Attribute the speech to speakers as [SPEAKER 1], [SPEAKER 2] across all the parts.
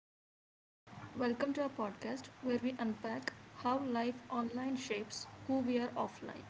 [SPEAKER 1] I'm Shahin. Welcome to our podcast where we unpack how life online shapes who we are offline.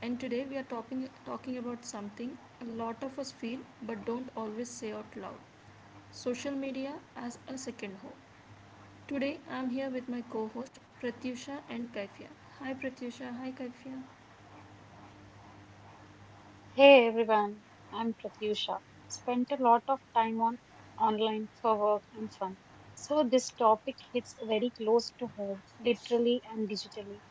[SPEAKER 1] And today we are talking about something a lot of us feel but don't always say out loud: social media as a second home. Today I'm here with my co host Pratyusha and Kaifia. Hi Pratyusha, hi Kaifia.
[SPEAKER 2] Hey everyone, I'm Pratyusha. Spent a lot of time on online for work and fun. So this topic hits very close to home, literally and digitally.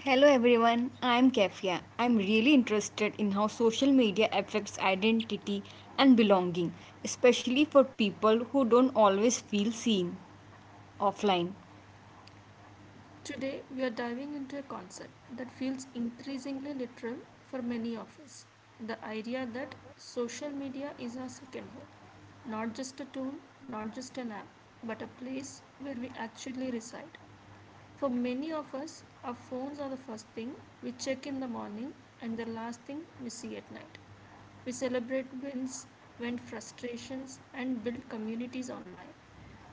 [SPEAKER 3] Hello everyone, I'm Kefia. I'm really interested in how social media affects identity and belonging, especially for people who don't always feel seen offline.
[SPEAKER 1] Today we are diving into a concept that feels increasingly literal for many of us: the idea that social media is our second home. Not just a tool, not just an app, but a place where we actually reside. For many of us, our phones are the first thing we check in the morning and the last thing we see at night. We celebrate wins, vent frustrations, and build communities online.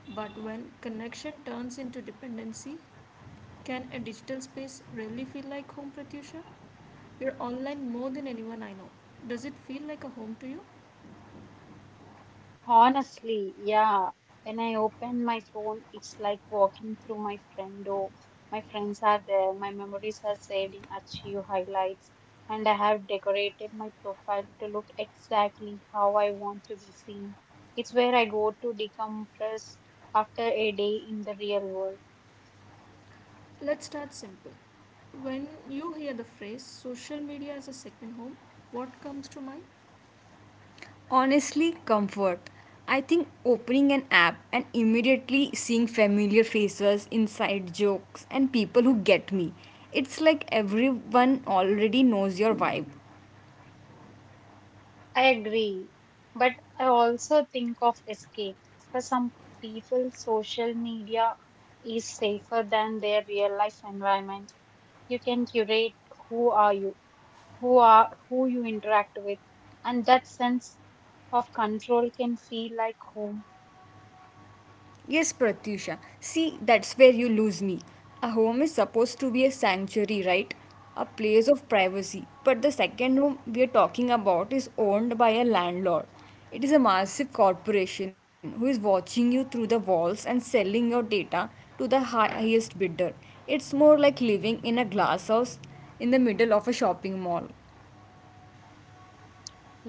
[SPEAKER 1] But when connection turns into dependency, can a digital space really feel like home, Pratyusha? You're online more than anyone I know. Does it feel like a home to you?
[SPEAKER 2] Honestly, yeah. When I open my phone, it's like walking through my friend. Oh, my friends are there. My memories are saved in Archive highlights, and I have decorated my profile to look exactly how I want to be seen. It's where I go to decompress after a day in the real world.
[SPEAKER 1] Let's start simple. When you hear the phrase social media as a second home, what comes to mind?
[SPEAKER 3] Honestly, comfort. I think opening an app and immediately seeing familiar faces, inside jokes, and people who get me. It's like everyone already knows your vibe.
[SPEAKER 2] I agree, but I also think of escape. For some people, social media is safer than their real life environment. You can curate who are you, who you interact with, and that sense of control can feel like home.
[SPEAKER 3] Yes, Pratyusha. See, that's where you lose me. A home is supposed to be a sanctuary, right? A place of privacy. But the second home we are talking about is owned by a landlord. It is a massive corporation who is watching you through the walls and selling your data to the highest bidder. It's more like living in a glass house in the middle of a shopping mall.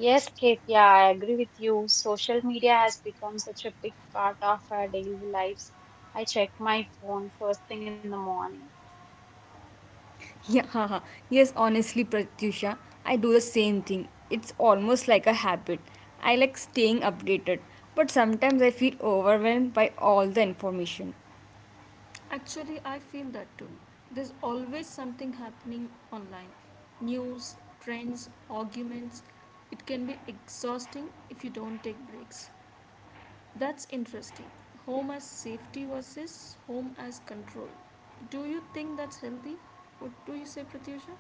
[SPEAKER 2] Yes Kate, I agree with you. Social media has become such a big part of our daily lives. I check my phone first thing in the morning.
[SPEAKER 3] Yeah, haha. Yes, honestly, Pratyusha, I do the same thing. It's almost like a habit. I like staying updated, but sometimes I feel overwhelmed by all the information.
[SPEAKER 1] Actually, I feel that too. There's always something happening online: news, trends, arguments. It can be exhausting if you don't take breaks. That's interesting. Home as safety versus home as control. Do you think that's healthy? What do you say, Pratyusha?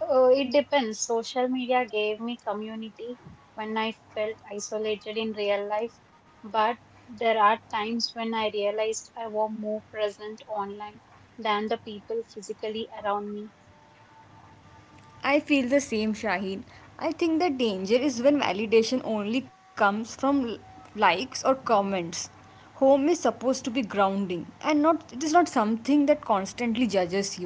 [SPEAKER 2] It depends. Social media gave me community when I felt isolated in real life, but there are times when I realized I was more present online than the people physically around me.
[SPEAKER 3] I feel the same, Shaheen. I think the danger is when validation only comes from likes or comments. Home is supposed to be grounding, and not it is not something that constantly judges you.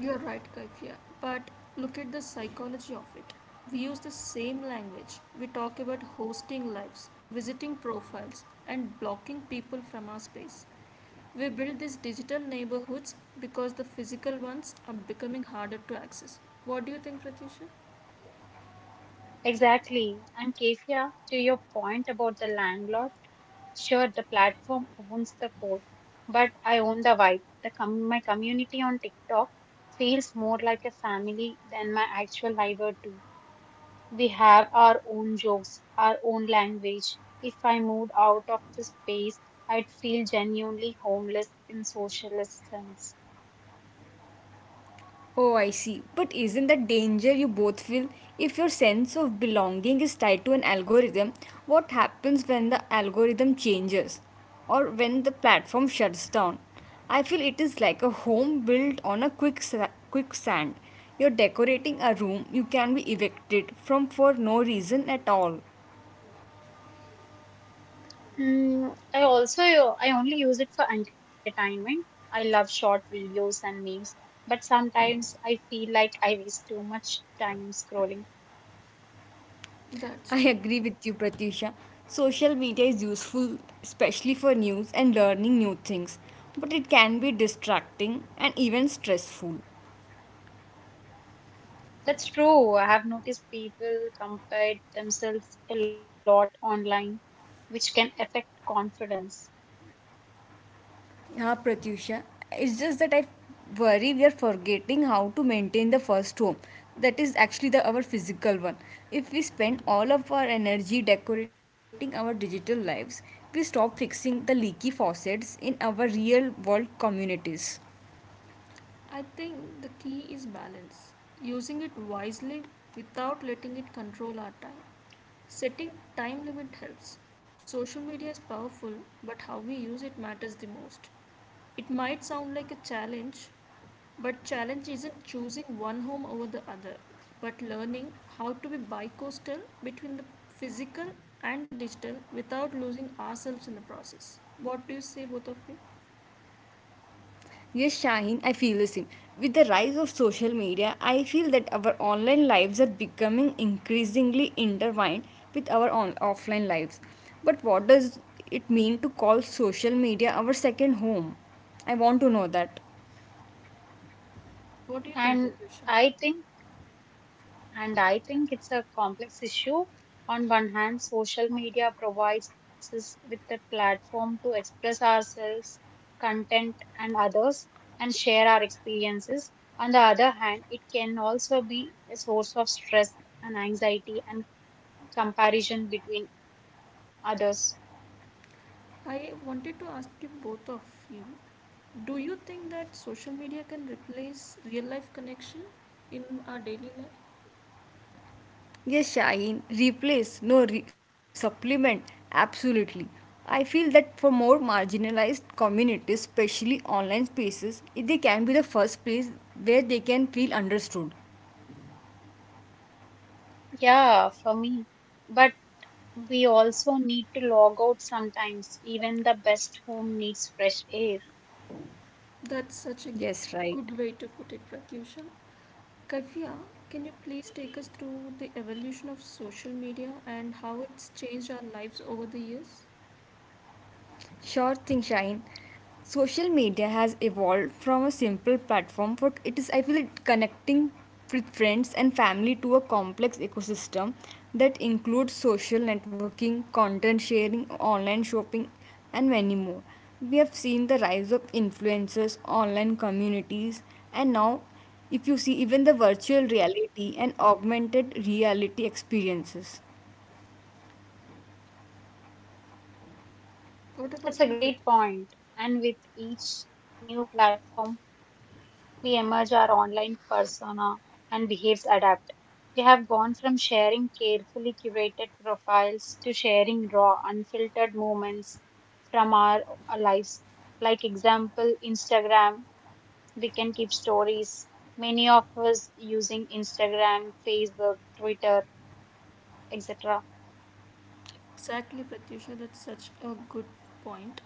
[SPEAKER 1] You're right, Kaifia. But look at the psychology of it. We use the same language. We talk about hosting lives, visiting profiles, and blocking people from our space. We build these digital neighborhoods because the physical ones are becoming harder to access. What do you think, Pratyusha?
[SPEAKER 2] Exactly. And Kefia, to your point about the landlord, sure, the platform owns the code, but I own the vibe. The my community on TikTok feels more like a family than my actual live do. We have our own jokes, our own language. If I moved out of the space, I'd feel genuinely homeless in socialist sense.
[SPEAKER 3] Oh, I see. But isn't that danger you both feel? If your sense of belonging is tied to an algorithm, what happens when the algorithm changes or when the platform shuts down? I feel it is like a home built on a quicksand. You're decorating a room you can be evicted from for no reason at all.
[SPEAKER 2] I only use it for entertainment. I love short videos and memes, but sometimes I feel like I waste too much time scrolling.
[SPEAKER 1] That's
[SPEAKER 3] I
[SPEAKER 1] true.
[SPEAKER 3] agree with you, Pratyusha. Social media is useful, especially for news and learning new things, but it can be distracting and even stressful.
[SPEAKER 2] That's true. I have noticed people compare themselves a lot online, which can affect confidence.
[SPEAKER 3] Yeah, Pratyusha. It's just that I worry we are forgetting how to maintain the first home. That is actually the our physical one. If we spend all of our energy decorating our digital lives, we stop fixing the leaky faucets in our real world communities.
[SPEAKER 1] I think the key is balance, using it wisely without letting it control our time. Setting time limit helps. Social media is powerful, but how we use it matters the most. It might sound like a challenge, but challenge isn't choosing one home over the other, but learning how to be bi-coastal between the physical and the digital without losing ourselves in the process. What do you say, both of you?
[SPEAKER 3] Yes, Shaheen, I feel the same. With the rise of social media, I feel that our online lives are becoming increasingly intertwined with our offline lives. But what does it mean to call social media our second home? I want to know that.
[SPEAKER 1] What do you
[SPEAKER 2] And
[SPEAKER 1] think, Pratyusha?
[SPEAKER 2] I think And I think it's a complex issue. On one hand, social media provides us with a platform to express ourselves, content, and others, and share our experiences. On the other hand, it can also be a source of stress and anxiety and comparison between others.
[SPEAKER 1] I wanted to ask you both of you, do you think that social media can replace real life connection in our daily life?
[SPEAKER 3] Yes, Shaheen, replace, no, supplement, absolutely. I feel that for more marginalized communities, especially online spaces, they can be the first place where they can feel understood.
[SPEAKER 2] Yeah, for me. But we also need to log out sometimes, even the best home needs fresh air.
[SPEAKER 1] That's such a
[SPEAKER 3] Yes, right.
[SPEAKER 1] good way to put it, Pratyusha. Kavya, can you please take us through the evolution of social media and how it's changed our lives over the years?
[SPEAKER 3] Sure thing, Shine. Social media has evolved from a simple platform for it is I feel it connecting with friends and family to a complex ecosystem that includes social networking, content sharing, online shopping, and many more. We have seen the rise of influencers, online communities, and now if you see even the virtual reality and augmented reality experiences.
[SPEAKER 2] That's a
[SPEAKER 1] What
[SPEAKER 2] great
[SPEAKER 1] about you,
[SPEAKER 2] point.
[SPEAKER 1] Pratyusha?
[SPEAKER 2] And with each new platform, we emerge our online persona and behaves adapt. We have gone from sharing carefully curated profiles to sharing raw, unfiltered moments from our lives. Like example, Instagram, we can keep stories. Many of us using Instagram, Facebook, Twitter, etc.
[SPEAKER 1] Exactly, Pratyusha, that's such a good point.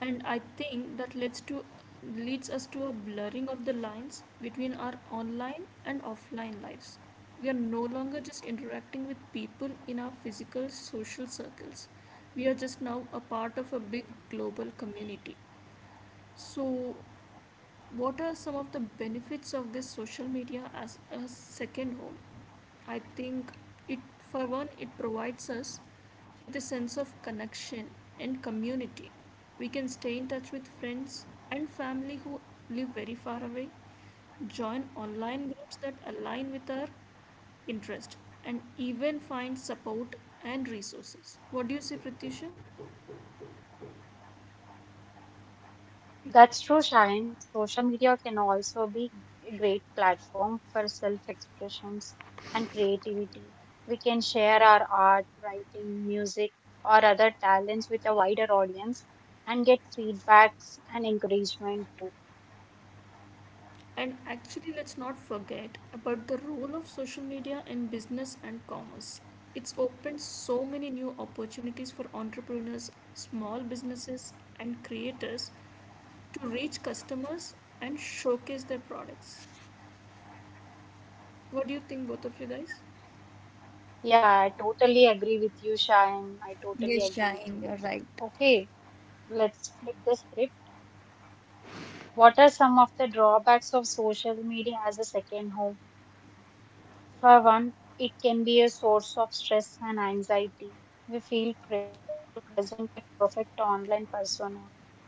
[SPEAKER 1] And I think that leads us to a blurring of the lines between our online and offline lives. We are no longer just interacting with people in our physical social circles. We are just now a part of a big global community. So, what are some of the benefits of this social media as a second home? I think it, for one, it provides us with a sense of connection and community. We can stay in touch with friends and family who live very far away, join online groups that align with our interest, and even find support and resources. What do you say, Pratyusha?
[SPEAKER 2] That's true, Shine. Social media can also be a great platform for self expressions and creativity. We can share our art, writing, music, or other talents with a wider audience and get feedbacks and encouragement too.
[SPEAKER 1] And actually, let's not forget about the role of social media in business and commerce. It's opened so many new opportunities for entrepreneurs, small businesses, and creators to reach customers and showcase their products. What do you think, both of you guys?
[SPEAKER 2] Yeah, I totally agree with you, Shine. I totally
[SPEAKER 3] Yes,
[SPEAKER 2] agree with
[SPEAKER 3] Shine,
[SPEAKER 2] you.
[SPEAKER 3] you're right.
[SPEAKER 2] Okay, let's flip the script. What are some of the drawbacks of social media as a second home? For one, it can be a source of stress and anxiety. We feel pressure to present a perfect online persona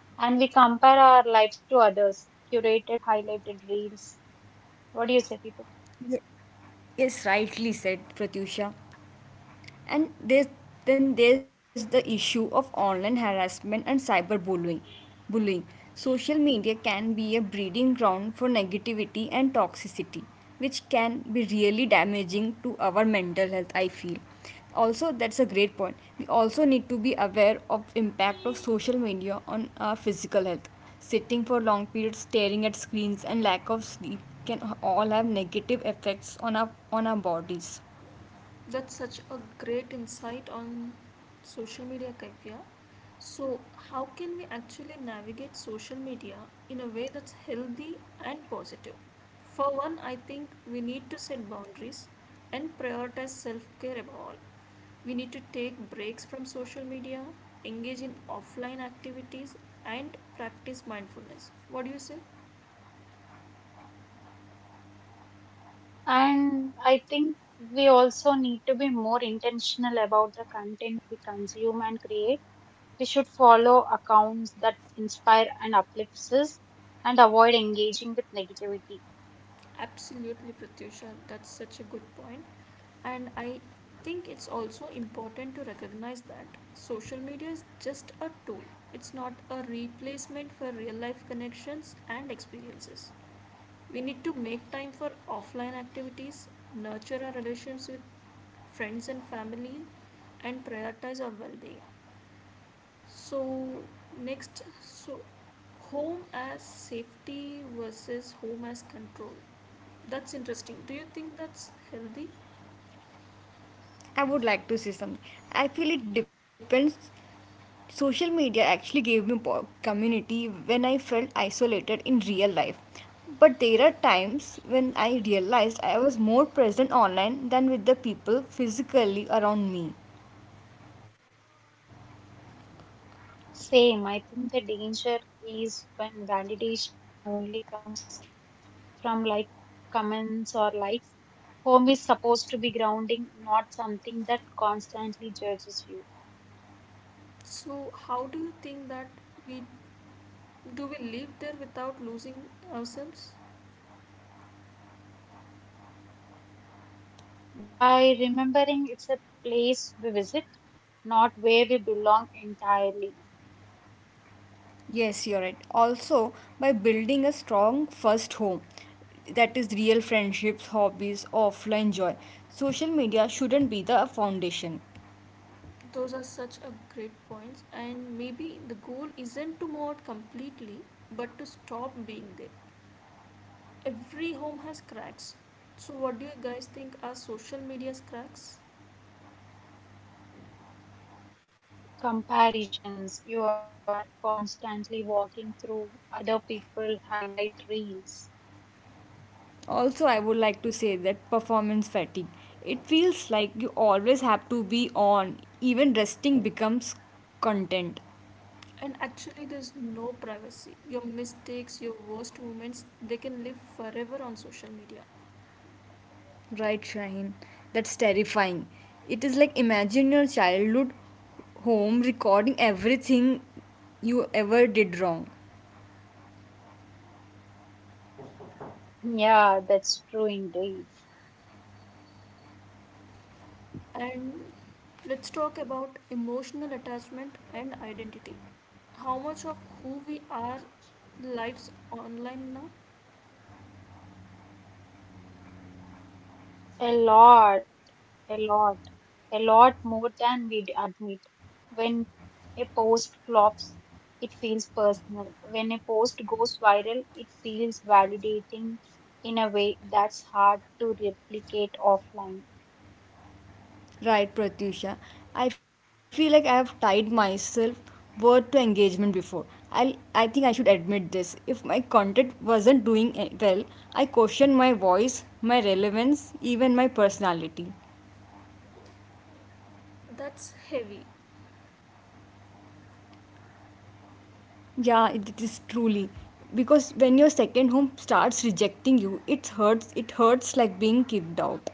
[SPEAKER 2] and we compare our lives to others, curated, highlighted reels. What do you say, people?
[SPEAKER 3] Yes, rightly said, Pratyusha. And there's Then there's the issue of online harassment and cyberbullying bullying. Social media can be a breeding ground for negativity and toxicity, which can be really damaging to our mental health, I feel. Also, that's a great point. We also need to be aware of impact of social media on our physical health. Sitting for long periods, staring at screens, and lack of sleep can all have negative effects on our bodies.
[SPEAKER 1] That's such a great insight on social media, Kavya. So, how can we actually navigate social media in a way that's healthy and positive? For one, I think we need to set boundaries and prioritize self care above all. We need to take breaks from social media, engage in offline activities, and practice mindfulness. What do you say?
[SPEAKER 2] And I think we also need to be more intentional about the content we consume and create. We should follow accounts that inspire and uplift us and avoid engaging with negativity.
[SPEAKER 1] Absolutely, Pratyusha. That's such a good point. And I think it's also important to recognize that social media is just a tool, it's not a replacement for real life connections and experiences. We need to make time for offline activities, nurture our relations with friends and family, and prioritize our well being. So, next, so home as safety versus home as control. That's interesting. Do you think that's healthy?
[SPEAKER 3] I would like to say something. I feel it depends. Social media actually gave me community when I felt isolated in real life. But there are times when I realized I was more present online than with the people physically around me.
[SPEAKER 2] Same. I think the danger is when validation only comes from like comments or likes. Home is supposed to be grounding, not something that constantly judges you.
[SPEAKER 1] So, how do you think that we Do we live there without losing ourselves?
[SPEAKER 2] By remembering it's a place we visit, not where we belong entirely.
[SPEAKER 3] Yes, you're right. Also, by building a strong first home, that is real friendships, hobbies, offline joy, social media shouldn't be the foundation.
[SPEAKER 1] Those are such a great points, and maybe the goal isn't to move out completely, but to stop being there. Every home has cracks. So, what do you guys think are social media's cracks?
[SPEAKER 2] Comparisons, you are constantly walking through other people highlight reels.
[SPEAKER 3] Also, I would like to say that performance fatigue. It feels like you always have to be on, even resting becomes content.
[SPEAKER 1] And actually, there's no privacy. Your mistakes, your worst moments, they can live forever on social media.
[SPEAKER 3] Right, Shaheen? That's terrifying. It is like imagine your childhood home recording everything you ever did wrong.
[SPEAKER 2] Yeah, that's true indeed.
[SPEAKER 1] And let's talk about emotional attachment and identity. How much of who we are lives online now?
[SPEAKER 2] A lot. a lot, a lot more than we'd admit. When a post flops, it feels personal. When a post goes viral, it feels validating in a way that's hard to replicate offline.
[SPEAKER 3] Right, Pratyusha. I feel like I have tied myself word to engagement before. I think I should admit this. If my content wasn't doing well, I question my voice, my relevance, even my personality.
[SPEAKER 1] That's heavy.
[SPEAKER 3] Yeah, it is truly because when your second home starts rejecting you, it hurts. It hurts like being kicked out.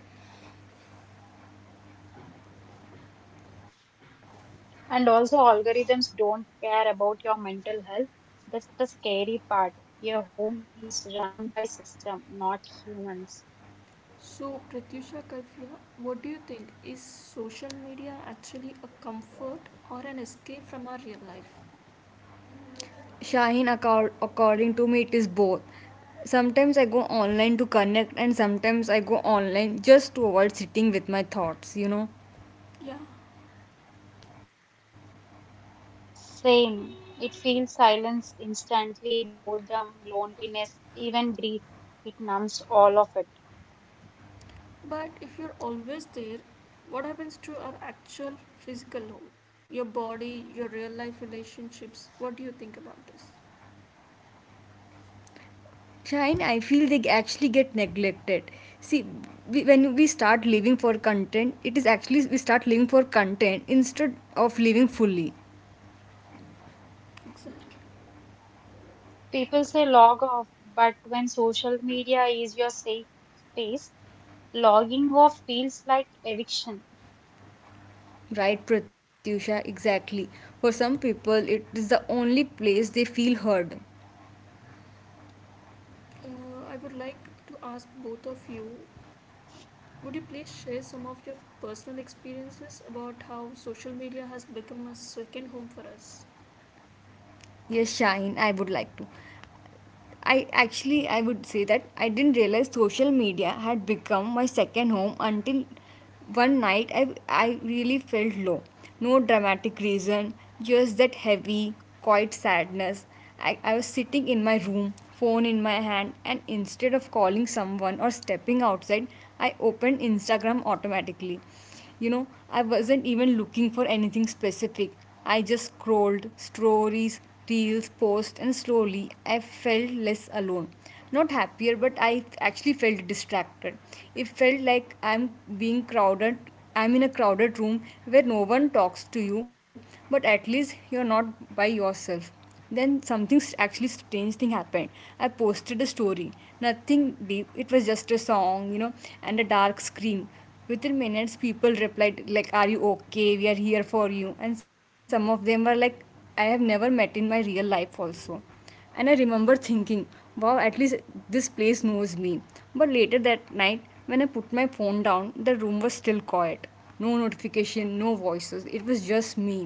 [SPEAKER 2] And also, algorithms don't care about your mental health. That's the scary part. Your home is run by system, not humans.
[SPEAKER 1] So, Pratyusha Kaifia, what do you think? Is social media actually a comfort or an escape from our real life?
[SPEAKER 3] Shaheen, according to me, it is both. Sometimes I go online to connect, and sometimes I go online just to avoid sitting with my thoughts, you know.
[SPEAKER 1] Yeah,
[SPEAKER 2] Same. It feels silence instantly, boredom, loneliness, even grief. It numbs all of it.
[SPEAKER 1] but if you're always there, what happens to our actual physical home? Your body, your real life relationships? What do you think about this?
[SPEAKER 3] Shaheen, I feel they actually get neglected. See, when we start living for content, it is actually we start living for content instead of living fully.
[SPEAKER 1] Exactly.
[SPEAKER 2] People say log off, but when social media is your safe space, logging off feels like eviction.
[SPEAKER 3] Right, Pratyusha, exactly. For some people, it is the only place they feel heard.
[SPEAKER 1] Uh, I would like to ask both of you, would you please share some of your personal experiences about how social media has become a second home for us?
[SPEAKER 3] Yes, Shaheen, I would like to. I would say that I didn't realize social media had become my second home until one night I really felt low. No dramatic reason, just that heavy, quiet sadness. I was sitting in my room, phone in my hand, and instead of calling someone or stepping outside, I opened Instagram automatically. You know, I wasn't even looking for anything specific. I just scrolled stories, reels, posts, and slowly I felt less alone. Not happier, but I actually felt distracted. It felt like I'm being crowded. I'm in a crowded room where no one talks to you, but at least you're not by yourself. Then something actually strange thing happened. I posted a story, nothing deep, it was just a song, you know, and a dark scream. Within minutes people replied like, are you okay, we are here for you, and some of them were like I have never met in my real life also. And I remember thinking, wow, at least this place knows me. But later that night when I put my phone down, the room was still quiet, no notification, no voices, it was just me.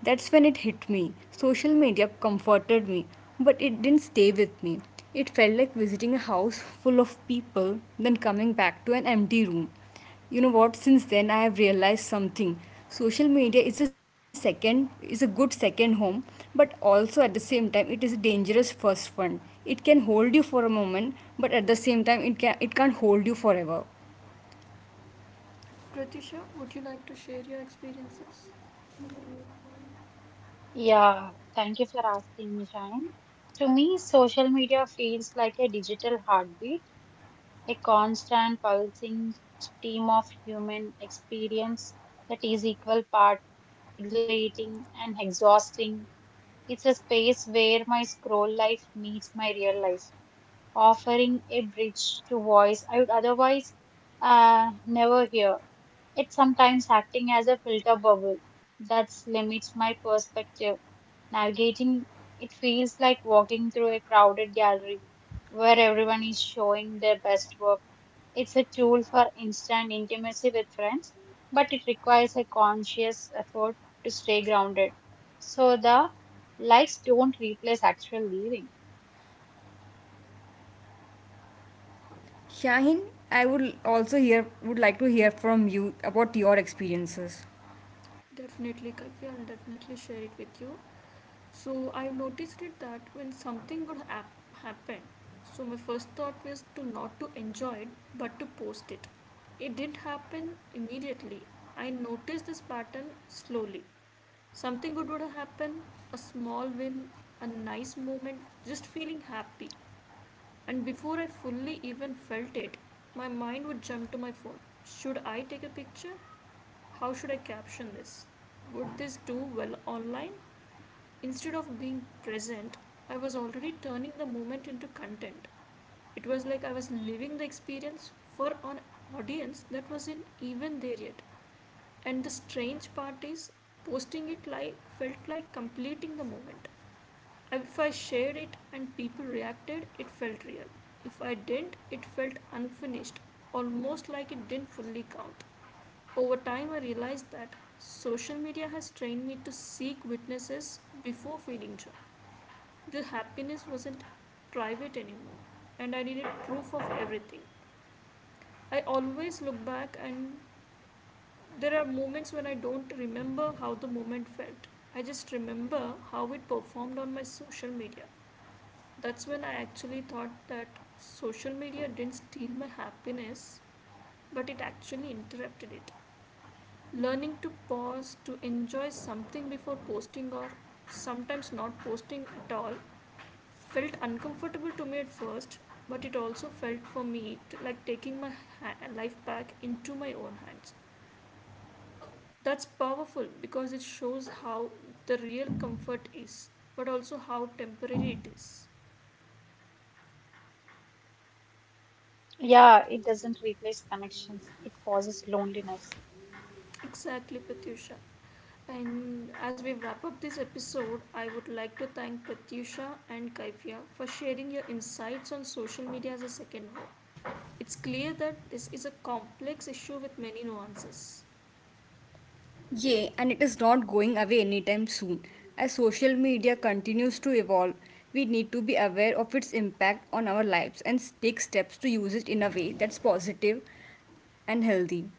[SPEAKER 3] That's when it hit me. Social media comforted me, but it didn't stay with me. It felt like visiting a house full of people, then coming back to an empty room. You know what? Since then, I have realized something. Social media is a good second home, but also at the same time, it is a dangerous first one. It can hold you for a moment, but at the same time, it can't hold you forever.
[SPEAKER 1] Pratisha, would you like to share your experiences?
[SPEAKER 2] Yeah, thank you for asking me, Shine. To me, social media feels like a digital heartbeat, a constant pulsing stream of human experience that is equal part exhilarating and exhausting. It's a space where my scroll life meets my real life, offering a bridge to voice I would otherwise never hear. It's sometimes acting as a filter bubble that limits my perspective. Navigating it feels like walking through a crowded gallery where everyone is showing their best work. It's a tool for instant intimacy with friends, but it requires a conscious effort to stay grounded. So the likes don't replace actual living.
[SPEAKER 3] Shaheen, I would also hear would like to hear from you about your experiences.
[SPEAKER 1] Definitely, Kalvi, I'll definitely share it with you. So I noticed it that when something good happened, so my first thought was to not to enjoy it, but to post it. It didn't happen immediately. I noticed this pattern slowly. Something good would happen, a small win, a nice moment, just feeling happy. And before I fully even felt it, my mind would jump to my phone. Should I take a picture? How should I caption this? Would this do well online? Instead of being present, I was already turning the moment into content. It was like I was living the experience for an audience that wasn't even there yet. And the strange part is, posting it like felt like completing the moment. If I shared it and people reacted, it felt real. If I didn't, it felt unfinished, almost like it didn't fully count. Over time, I realized that social media has trained me to seek witnesses before feeling joy. The happiness wasn't private anymore, and I needed proof of everything. I always look back and there are moments when I don't remember how the moment felt. I just remember how it performed on my social media. That's when I actually thought that social media didn't steal my happiness, but it actually interrupted it. Learning to pause, to enjoy something before posting, or sometimes not posting at all, felt uncomfortable to me at first, but it also felt for me to, like taking my life back into my own hands. That's powerful because it shows how the real comfort is, but also how temporary it is.
[SPEAKER 2] Yeah, it doesn't replace connections. It causes loneliness.
[SPEAKER 1] Exactly, Pratyusha. And as we wrap up this episode, I would like to thank Pratyusha and Kaivya for sharing your insights on social media as a second home. It's clear that this is a complex issue with many nuances.
[SPEAKER 3] Yeah, and it is not going away anytime soon. As social media continues to evolve, we need to be aware of its impact on our lives and take steps to use it in a way that's positive and healthy.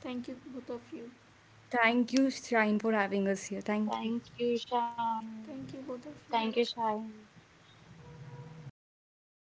[SPEAKER 1] Thank you, both of you.
[SPEAKER 3] Thank you, Shine, for having us here. Thank you.
[SPEAKER 2] Thank you,
[SPEAKER 1] Thank you, both of you.
[SPEAKER 2] Shine.
[SPEAKER 1] Have a
[SPEAKER 2] Thank you, Shine.